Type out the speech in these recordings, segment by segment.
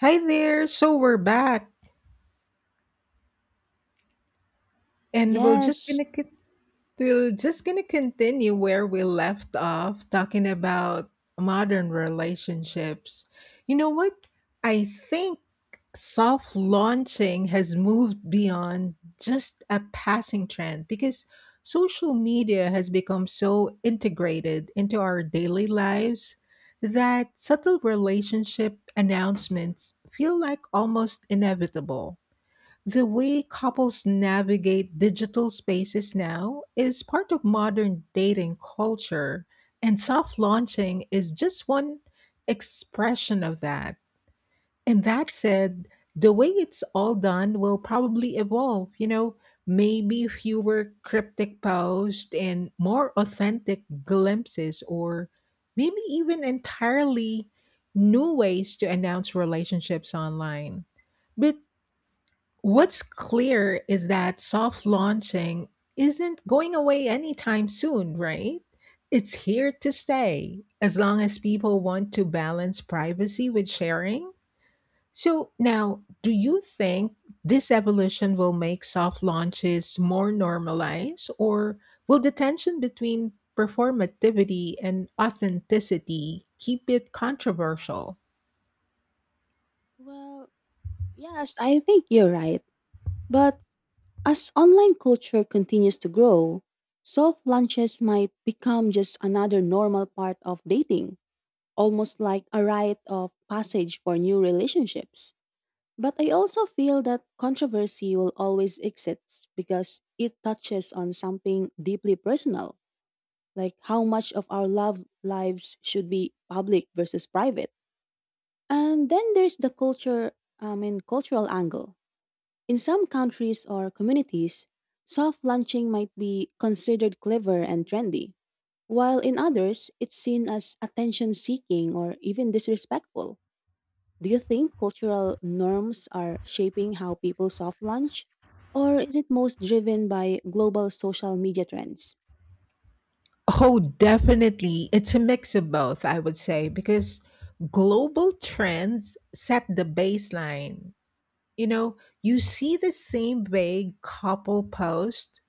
Hi there. So we're back and we're just Yes. We're just gonna continue where we left off talking about modern relationships. You know what? I think soft launching has moved beyond just a passing trend because social media has become so integrated into our daily lives that subtle relationship announcements feel like almost inevitable. The way couples navigate digital spaces now is part of modern dating culture, and soft launching is just one expression of that. And that said, the way it's all done will probably evolve, maybe fewer cryptic posts and more authentic glimpses, or maybe even entirely new ways to announce relationships online. But what's clear is that soft launching isn't going away anytime soon, right? It's here to stay as long as people want to balance privacy with sharing. So, now, do you think this evolution will make soft launches more normalized, or will the tension between performativity and authenticity keep it controversial? Well, yes, I think you're right. But as online culture continues to grow, soft lunches might become just another normal part of dating, almost like a rite of passage for new relationships. But I also feel that controversy will always exist because it touches on something deeply personal, like how much of our love lives should be public versus private. And then there's the culture, I mean, cultural angle. In some countries or communities, soft lunching might be considered clever and trendy, while in others, it's seen as attention seeking or even disrespectful. Do you think cultural norms are shaping how people soft lunch? Or is it most driven by global social media trends? Oh, definitely. It's a mix of both, I would say, because global trends set the baseline. You know, you see the same vague couple posts,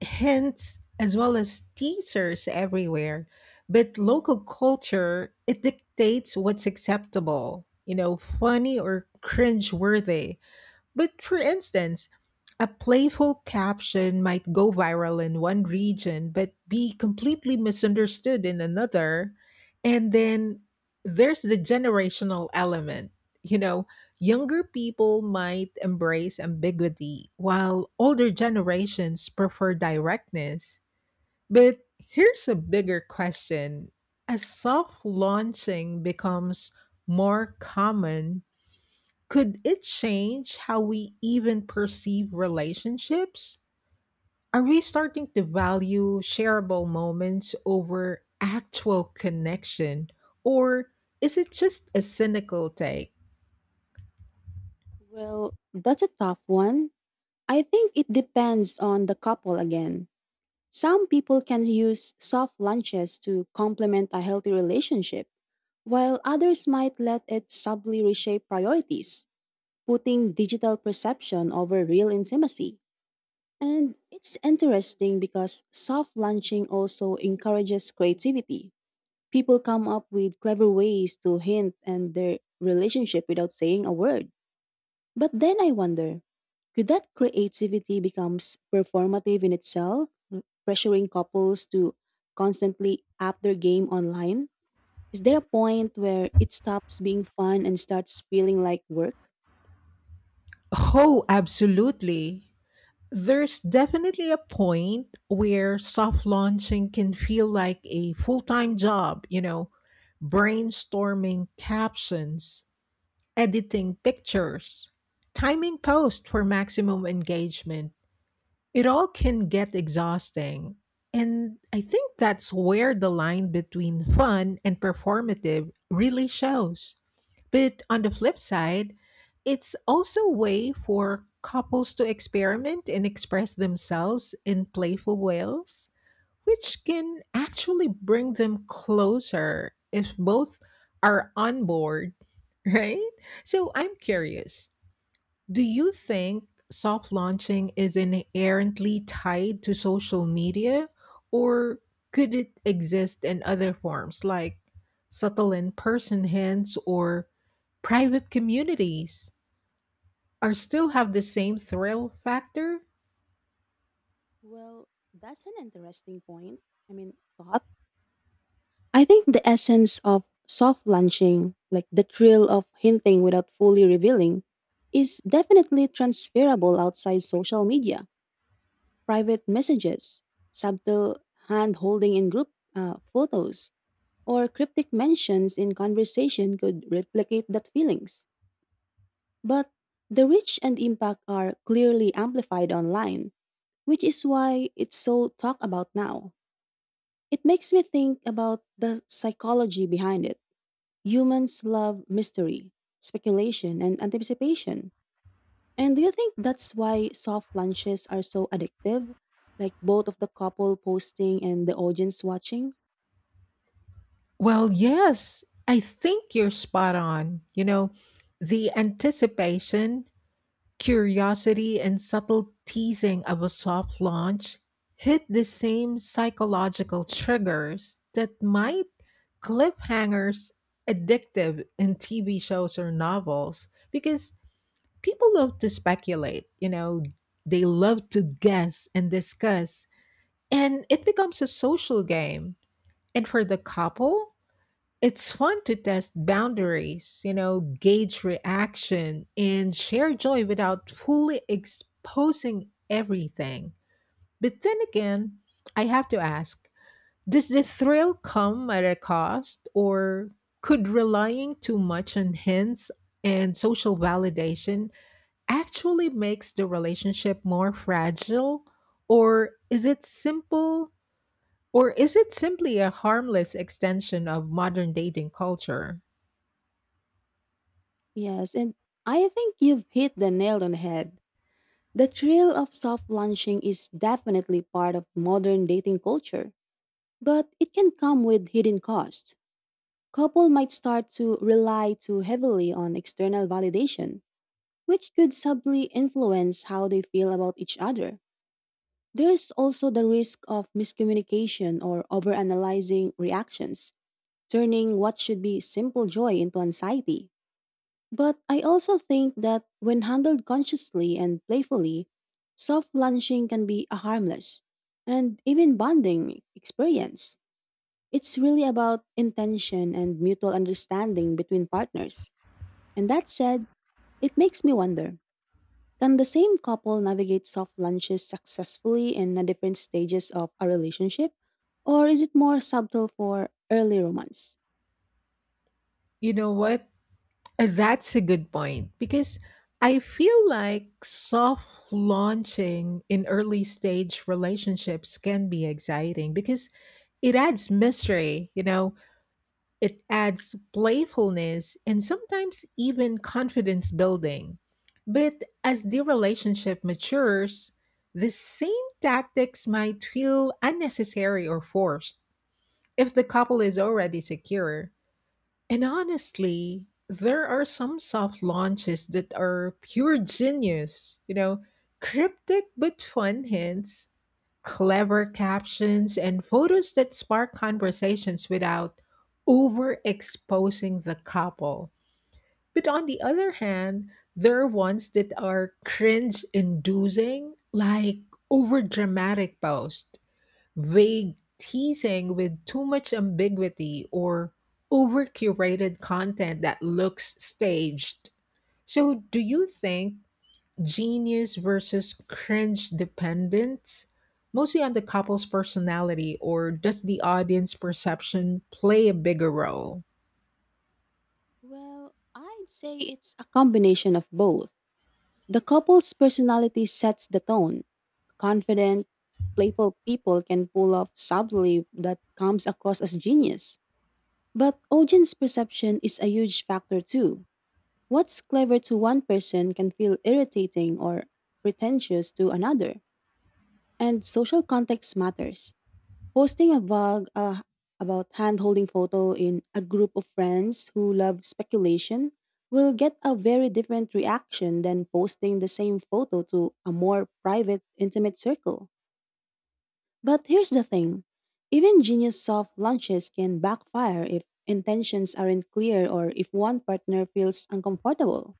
hints, as well as teasers everywhere. But local culture, it dictates what's acceptable, you know, funny or cringe worthy. But for instance, a playful caption might go viral in one region but be completely misunderstood in another. And then there's the generational element. You know, younger people might embrace ambiguity while older generations prefer directness. But here's a bigger question. As soft launching becomes more common, could it change how we even perceive relationships? Are we starting to value shareable moments over actual connection? Or is it just a cynical take? Well, that's a tough one. I think it depends on the couple again. Some people can use soft lunches to complement a healthy relationship, while others might let it subtly reshape priorities, putting digital perception over real intimacy. And it's interesting because soft lunching also encourages creativity. People come up with clever ways to hint and their relationship without saying a word. But then I wonder, could that creativity becomes performative in itself, pressuring couples to constantly up their game online? Is there a point where it stops being fun and starts feeling like work? Oh, absolutely. There's definitely a point where soft launching can feel like a full time job, you know, brainstorming captions, editing pictures, timing posts for maximum engagement. It all can get exhausting. And I think that's where the line between fun and performative really shows. But on the flip side, it's also a way for couples to experiment and express themselves in playful ways which can actually bring them closer if both are on board, right? So I'm curious, do you think soft launching is inherently tied to social media, or could it exist in other forms like subtle in person hints or private communities? Or still have the same thrill factor? Well, that's an interesting point. I mean, thought. I think the essence of soft launching, like the thrill of hinting without fully revealing, is definitely transferable outside social media. Private messages, subtle hand holding in group photos, or cryptic mentions in conversation could replicate that feelings. But the reach and impact are clearly amplified online, which is why it's so talked about now. It makes me think about the psychology behind it. Humans love mystery, speculation, and anticipation. And do you think that's why soft lunches are so addictive? Like both of the couple posting and the audience watching? Well, yes, I think you're spot on. You know, the anticipation, curiosity, and subtle teasing of a soft launch hit the same psychological triggers that might cliffhangers addictive in TV shows or novels because people love to speculate, you know, they love to guess and discuss, and it becomes a social game. And for the couple, it's fun to test boundaries, you know, gauge reaction, and share joy without fully exposing everything. But then again, I have to ask, does the thrill come at a cost, or could relying too much on hints and social validation actually makes the relationship more fragile? Or is it simple? Or is it simply a harmless extension of modern dating culture? Yes, and I think you've hit the nail on the head. The thrill of soft lunching is definitely part of modern dating culture, but it can come with hidden costs. Couple might start to rely too heavily on external validation, which could subtly influence how they feel about each other. There's also the risk of miscommunication or overanalyzing reactions, turning what should be simple joy into anxiety. But I also think that when handled consciously and playfully, soft lunching can be a harmless and even bonding experience. It's really about intention and mutual understanding between partners. And that said, it makes me wonder, can the same couple navigate soft lunches successfully in the different stages of a relationship? Or is it more subtle for early romance? You know what? That's a good point because I feel like soft launching in early stage relationships can be exciting because it adds mystery, you know, it adds playfulness and sometimes even confidence building. But as the relationship matures, the same tactics might feel unnecessary or forced if the couple is already secure. And honestly, there are some soft launches that are pure genius. You know, cryptic but fun hints, clever captions, and photos that spark conversations without overexposing the couple. But on the other hand, there are ones that are cringe inducing, like overdramatic posts, vague teasing with too much ambiguity or over curated content that looks staged. So, do you think genius versus cringe dependence mostly on the couple's personality, or does the audience perception play a bigger role? Well, I'd say it's a combination of both. The couple's personality sets the tone. Confident, playful people can pull off subtly that comes across as genius. But audience perception is a huge factor too. What's clever to one person can feel irritating or pretentious to another. And social context matters. Posting a vlog about hand-holding photo in a group of friends who love speculation will get a very different reaction than posting the same photo to a more private, intimate circle. But here's the thing. Even genius soft launches can backfire if intentions aren't clear or if one partner feels uncomfortable.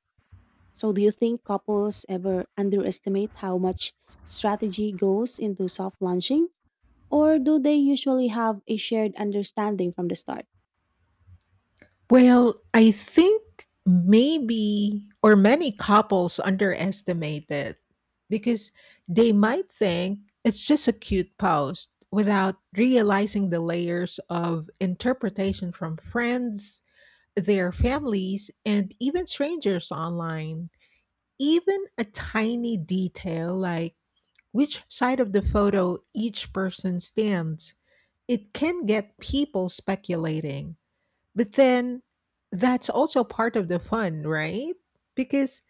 So do you think couples ever underestimate how much strategy goes into soft launching? Or do they usually have a shared understanding from the start? Well, I think maybe or many couples underestimate it because they might think it's just a cute post without realizing the layers of interpretation from friends, their families, and even strangers online. Even a tiny detail like which side of the photo each person stands, it can get people speculating, but then that's also part of the fun, right? Because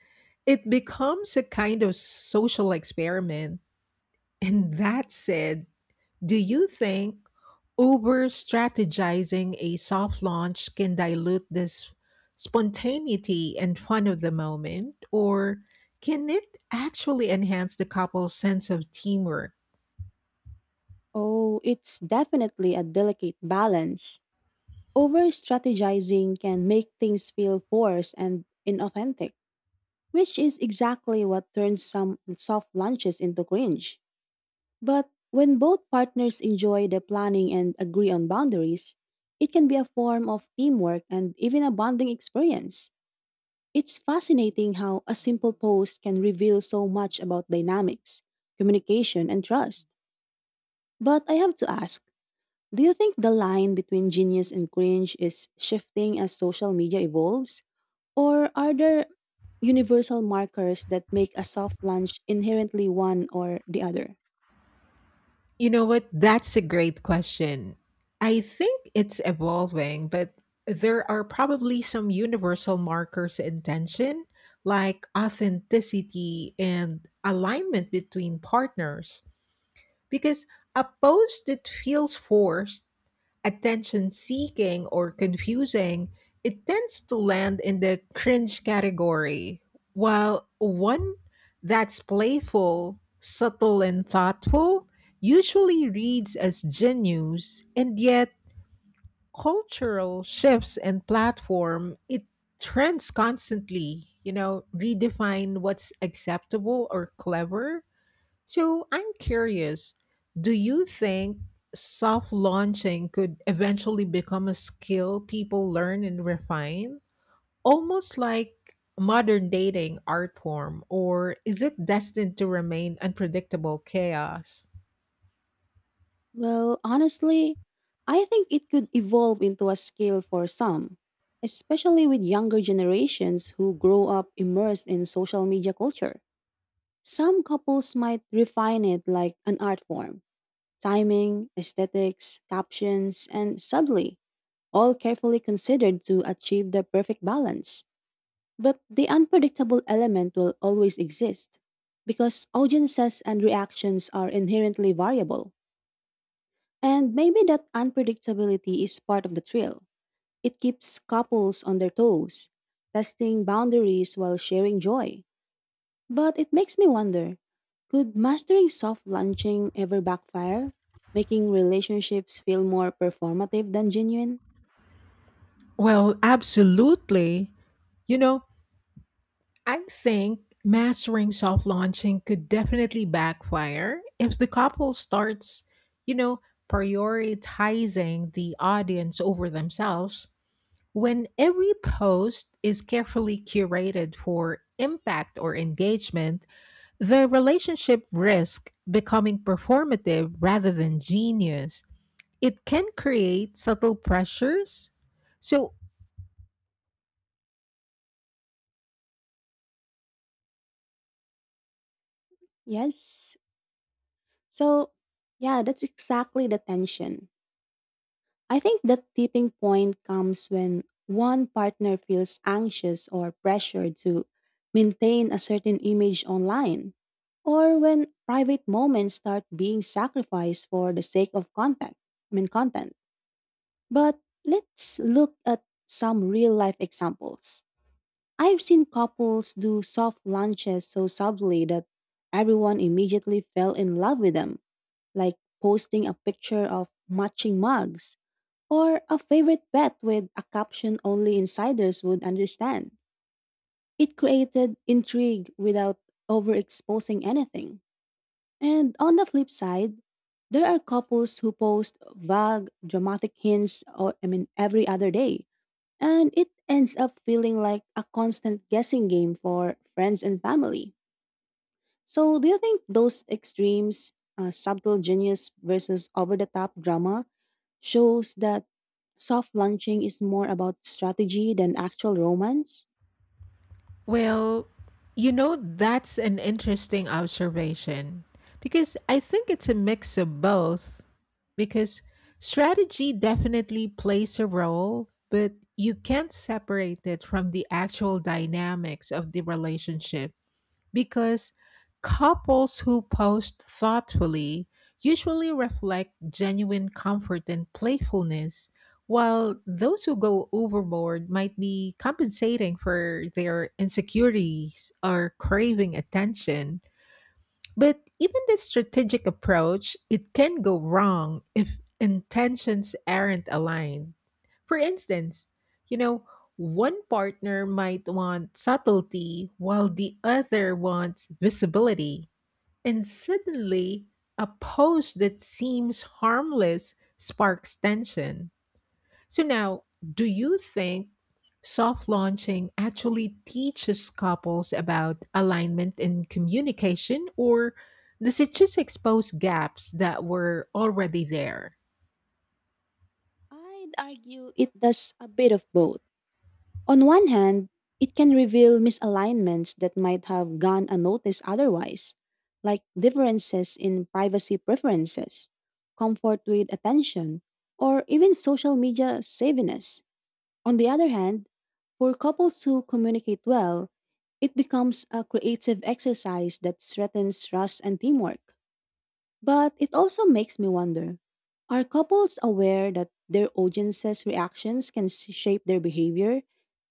it becomes a kind of social experiment. And that said, do you think over strategizing a soft launch can dilute this spontaneity and fun of the moment? Or can it actually enhance the couple's sense of teamwork? Oh, it's definitely a delicate balance. Over strategizing can make things feel forced and inauthentic, which is exactly what turns some soft lunches into cringe. But when both partners enjoy the planning and agree on boundaries, it can be a form of teamwork and even a bonding experience. It's fascinating how a simple post can reveal so much about dynamics, communication, and trust. But I have to ask, do you think the line between genius and cringe is shifting as social media evolves? Or are there universal markers that make a soft launch inherently one or the other? You know what? That's a great question. I think it's evolving, but there are probably some universal markers in tension, like authenticity and alignment between partners. Because a post that feels forced, attention seeking, or confusing, it tends to land in the cringe category, while one that's playful, subtle, and thoughtful usually reads as genius, and yet cultural shifts and platform, it trends constantly, you know, redefine what's acceptable or clever. So I'm curious, do you think soft launching could eventually become a skill people learn and refine? Almost like modern dating art form, or is it destined to remain unpredictable chaos? Well, honestly, I think it could evolve into a skill for some, especially with younger generations who grow up immersed in social media culture. Some couples might refine it like an art form, timing, aesthetics, captions, and subtly, all carefully considered to achieve the perfect balance. But the unpredictable element will always exist because audiences and reactions are inherently variable. And maybe that unpredictability is part of the thrill. It keeps couples on their toes, testing boundaries while sharing joy. But it makes me wonder, could mastering soft launching ever backfire, making relationships feel more performative than genuine? Well, absolutely. You know, I think mastering soft launching could definitely backfire if the couple starts, you know, prioritizing the audience over themselves. When every post is carefully curated for impact or engagement, the relationship risk becoming performative rather than genius. It can create subtle pressures. So, Yes. So, yeah, that's exactly the tension. I think that tipping point comes when one partner feels anxious or pressured to maintain a certain image online, or when private moments start being sacrificed for the sake of contact. I mean, content. But let's look at some real life examples. I've seen couples do soft lunches so subtly that everyone immediately fell in love with them, like posting a picture of matching mugs or a favorite pet with a caption only insiders would understand. It created intrigue without overexposing anything. And on the flip side, there are couples who post vague, dramatic hints, or, I mean, every other day, and it ends up feeling like a constant guessing game for friends and family. So, do you think those extremes, subtle genius versus over the top drama, shows that soft launching is more about strategy than actual romance? well, you know, that's an interesting observation because I think it's a mix of both because strategy definitely plays a role, but you can't separate it from the actual dynamics of the relationship because couples who post thoughtfully usually reflect genuine comfort and playfulness, while those who go overboard might be compensating for their insecurities or craving attention. But even the strategic approach, it can go wrong if intentions aren't aligned. For instance, you know, one partner might want subtlety while the other wants visibility. And suddenly, a pose that seems harmless sparks tension. So now, do you think soft launching actually teaches couples about alignment and communication, or does it just expose gaps that were already there? I'd argue it does a bit of both. On one hand, it can reveal misalignments that might have gone unnoticed otherwise, like differences in privacy preferences, comfort with attention, or even social media savviness. On the other hand, for couples who communicate well, it becomes a creative exercise that strengthens trust and teamwork. But it also makes me wonder, are couples aware that their audience's reactions can shape their behavior,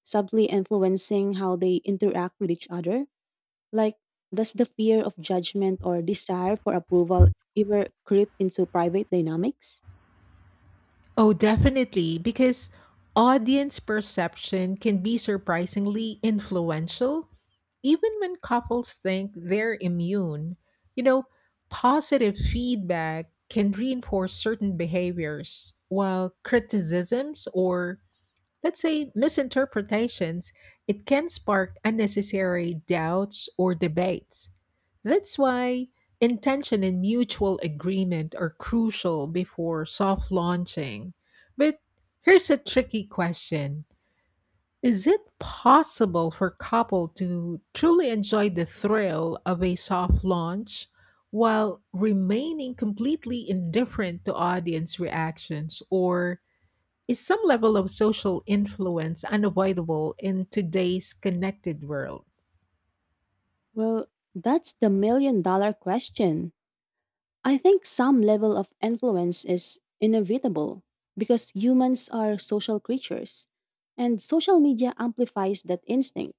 subtly influencing how they interact with each other? Like, does the fear of judgment or desire for approval ever creep into private dynamics? Oh, definitely, because audience perception can be surprisingly influential, even when couples think they're immune. You know, positive feedback can reinforce certain behaviors, while criticisms or, let's say, misinterpretations, it can spark unnecessary doubts or debates. That's why intention and mutual agreement are crucial before soft launching. But here's a tricky question. Is it possible for couple to truly enjoy the thrill of a soft launch while remaining completely indifferent to audience reactions, or is some level of social influence unavoidable in today's connected world? Well, that's the million dollar question. I think some level of influence is inevitable because humans are social creatures, and social media amplifies that instinct.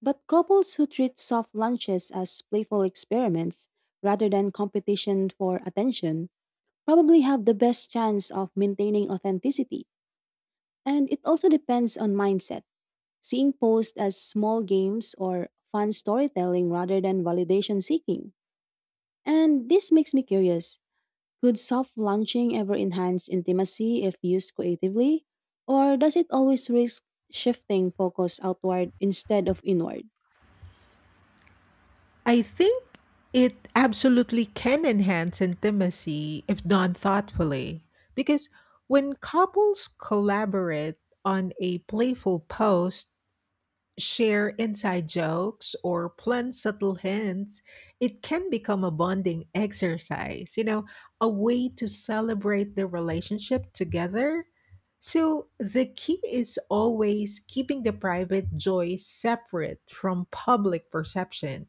But couples who treat soft lunches as playful experiments rather than competition for attention probably have the best chance of maintaining authenticity. And it also depends on mindset. Seeing posts as small games or fun storytelling rather than validation seeking. And this makes me curious. Could soft lunching ever enhance intimacy if used creatively? Or does it always risk shifting focus outward instead of inward? I think it absolutely can enhance intimacy if done thoughtfully, because when couples collaborate on a playful post, share inside jokes or plan subtle hints, it can become a bonding exercise, you know, a way to celebrate the relationship together. So the key is always keeping the private joy separate from public perception.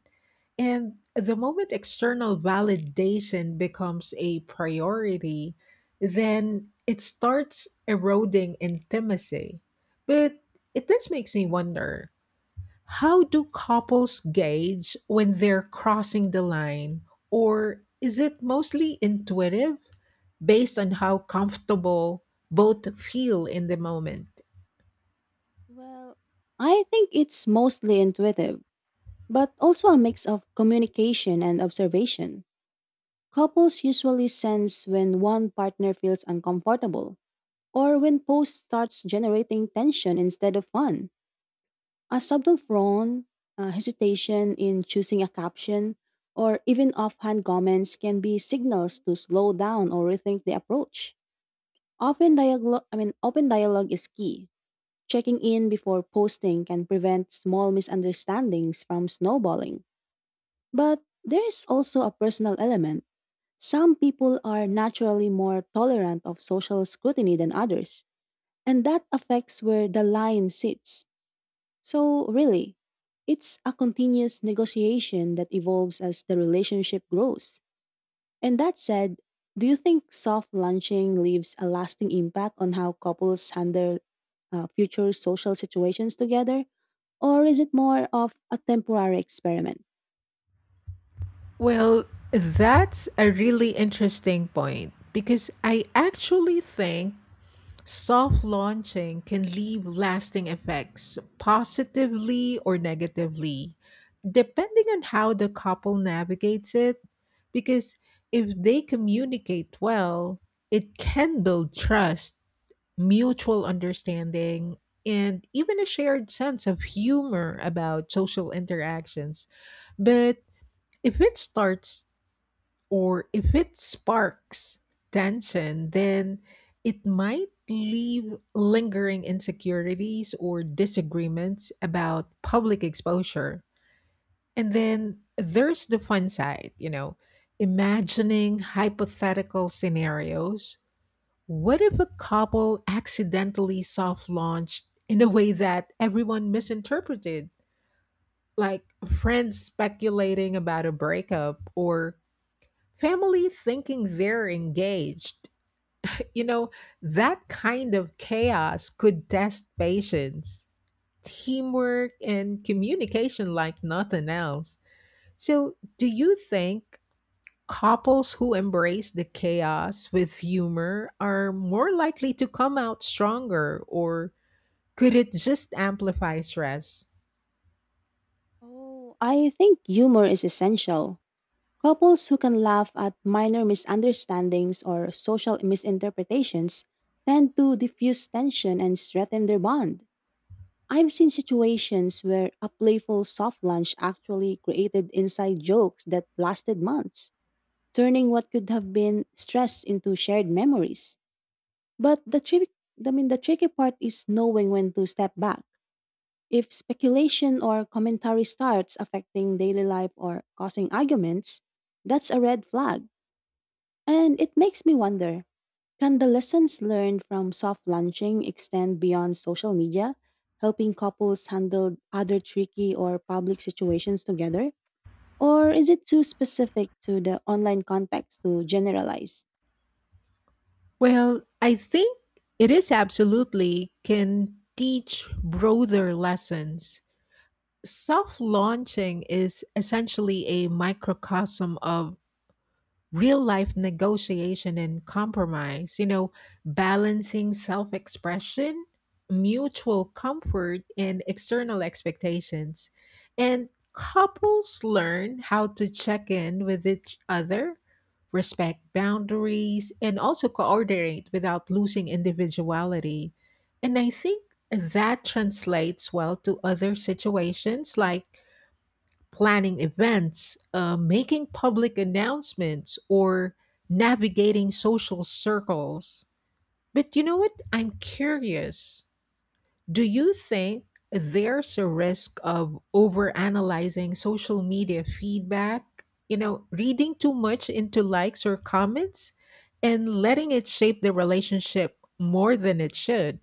And the moment external validation becomes a priority, then it starts eroding intimacy. But it does makes me wonder, how do couples gauge when they're crossing the line? Or is it mostly intuitive based on how comfortable both feel in the moment? Well, I think it's mostly intuitive, but also a mix of communication and observation. Couples usually sense when one partner feels uncomfortable or when post starts generating tension instead of fun. A subtle frown, a hesitation in choosing a caption, or even offhand comments can be signals to slow down or rethink the approach. Often dialogue, I mean, open dialogue is key. Checking in before posting can prevent small misunderstandings from snowballing. But there is also a personal element. Some people are naturally more tolerant of social scrutiny than others, and that affects where the line sits. So, really, it's a continuous negotiation that evolves as the relationship grows. And that said, do you think soft launching leaves a lasting impact on how couples handle future social situations together? Or is it more of a temporary experiment? Well, that's a really interesting point because I actually think soft launching can leave lasting effects, positively or negatively, depending on how the couple navigates it. Because if they communicate well, it can build trust, mutual understanding, and even a shared sense of humor about social interactions. But if it starts or if it sparks tension, then it might leave lingering insecurities or disagreements about public exposure. And then there's the fun side, you know, imagining hypothetical scenarios. What if a couple accidentally soft launched in a way that everyone misinterpreted? Like friends speculating about a breakup or family thinking they're engaged. You know, that kind of chaos could test patience, teamwork, and communication like nothing else. So, do you think couples who embrace the chaos with humor are more likely to come out stronger, or could it just amplify stress? Oh, I think humor is essential. Couples who can laugh at minor misunderstandings or social misinterpretations tend to diffuse tension and strengthen their bond. I've seen situations where a playful soft lunch actually created inside jokes that lasted months, turning what could have been stress into shared memories. But the trick, I mean, the tricky part is knowing when to step back. If speculation or commentary starts affecting daily life or causing arguments, that's a red flag. And it makes me wonder, can the lessons learned from soft launching extend beyond social media, helping couples handle other tricky or public situations together? Or is it too specific to the online context to generalize? Well, I think it is absolutely can teach broader lessons. Self launching is essentially a microcosm of real life negotiation and compromise, you know, balancing self expression, mutual comfort, and external expectations. And couples learn how to check in with each other, respect boundaries, and also coordinate without losing individuality. And I think that translates well to other situations like planning events, making public announcements, or navigating social circles. But you know what? I'm curious. Do you think there's a risk of overanalyzing social media feedback? You know, reading too much into likes or comments and letting it shape the relationship more than it should?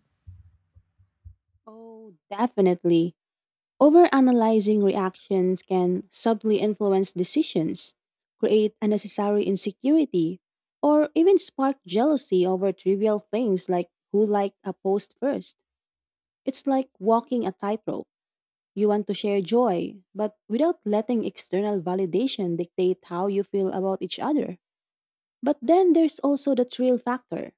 Oh, definitely. Overanalyzing reactions can subtly influence decisions, create unnecessary insecurity, or even spark jealousy over trivial things like who liked a post first. It's like walking a tightrope. You want to share joy, but without letting external validation dictate how you feel about each other. But then there's also the thrill factor.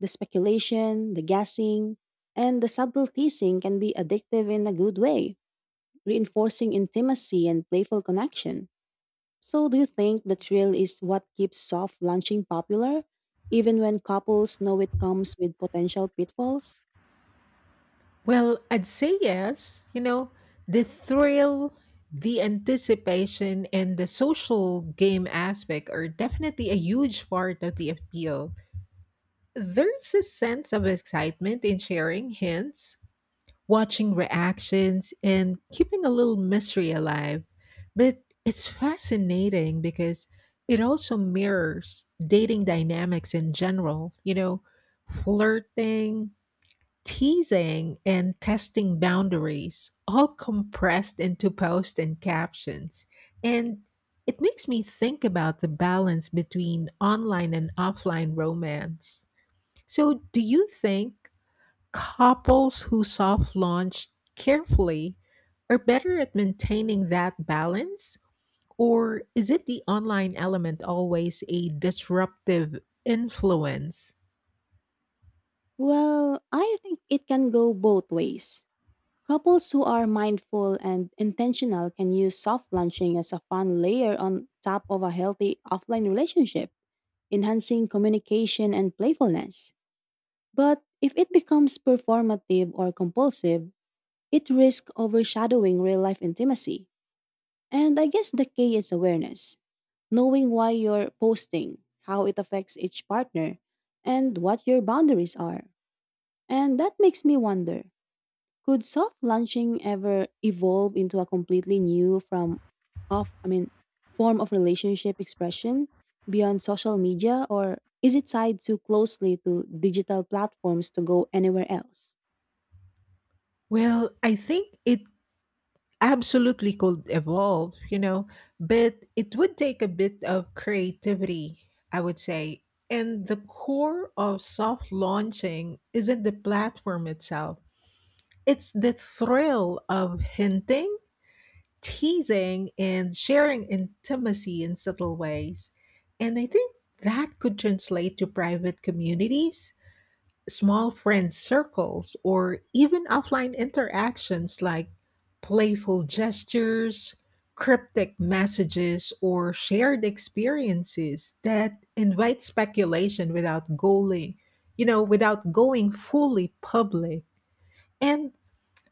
The speculation, the guessing, and the subtle teasing can be addictive in a good way, reinforcing intimacy and playful connection. So, do you think the thrill is what keeps soft launching popular, even when couples know it comes with potential pitfalls? Well, I'd say yes. You know, the thrill, the anticipation, and the social game aspect are definitely a huge part of the appeal. There's a sense of excitement in sharing hints, watching reactions, and keeping a little mystery alive. But it's fascinating because it also mirrors dating dynamics in general. You know, flirting, teasing and testing boundaries all compressed into posts and captions. And it makes me think about the balance between online and offline romance. So, do you think couples who soft launch carefully are better at maintaining that balance? Or is it the online element always a disruptive influence? Well, I think it can go both ways. Couples who are mindful and intentional can use soft launching as a fun layer on top of a healthy offline relationship, enhancing communication and playfulness. But if it becomes performative or compulsive, it risks overshadowing real life intimacy. And I guess the key is awareness, knowing why you're posting, how it affects each partner, and what your boundaries are. And that makes me wonder, could soft launching ever evolve into a completely new from of, I mean, form of relationship expression beyond social media, or is it tied too closely to digital platforms to go anywhere else? Well, I think it absolutely could evolve, you know, but it would take a bit of creativity, I would say. And the core of soft launching isn't the platform itself, it's the thrill of hinting, teasing, and sharing intimacy in subtle ways. And I think that could translate to private communities, small friend circles or even offline interactions like playful gestures, cryptic messages, or shared experiences that invite speculation without going fully public. And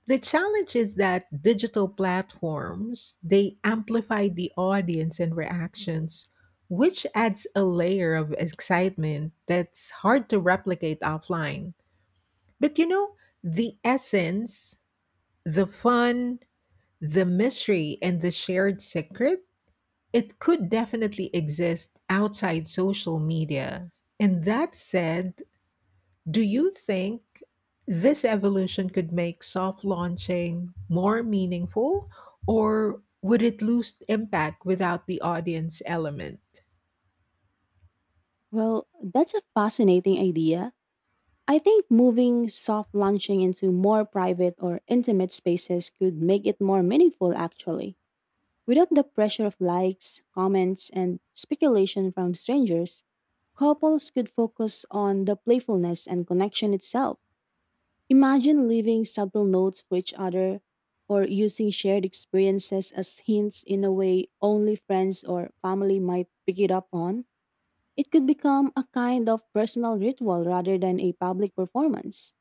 the challenge is that digital platforms, they amplify the audience and reactions, which adds a layer of excitement that's hard to replicate offline. But you know, the essence, the fun, the mystery, and the shared secret, it could definitely exist outside social media. And that said, do you think this evolution could make soft launching more meaningful, or would it lose impact without the audience element? Well, that's a fascinating idea. I think moving soft launching into more private or intimate spaces could make it more meaningful actually. Without the pressure of likes, comments, and speculation from strangers, couples could focus on the playfulness and connection itself. Imagine leaving subtle notes for each other or using shared experiences as hints in a way only friends or family might pick it up on. It could become a kind of personal ritual rather than a public performance.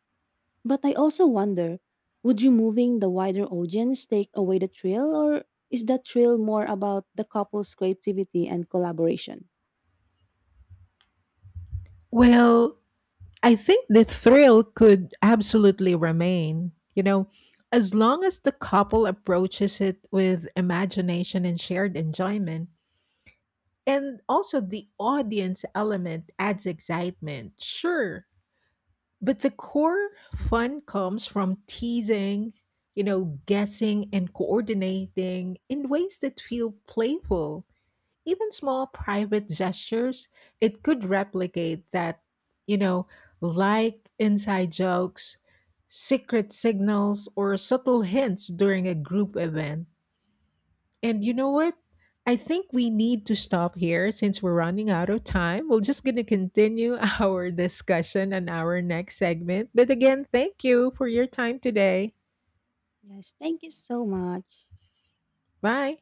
But I also wonder, would removing the wider audience take away the thrill, or is that thrill more about the couple's creativity and collaboration? Well, I think the thrill could absolutely remain, you know, as long as the couple approaches it with imagination and shared enjoyment. And also, the audience element adds excitement, sure. But the core fun comes from teasing, you know, guessing and coordinating in ways that feel playful, even small private gestures, it could replicate that, you know, like inside jokes, secret signals, or subtle hints during a group event. And you know what? I think we need to stop here since we're running out of time. We're just going to continue our discussion on our next segment. But again, thank you for your time today. Yes, thank you so much. Bye.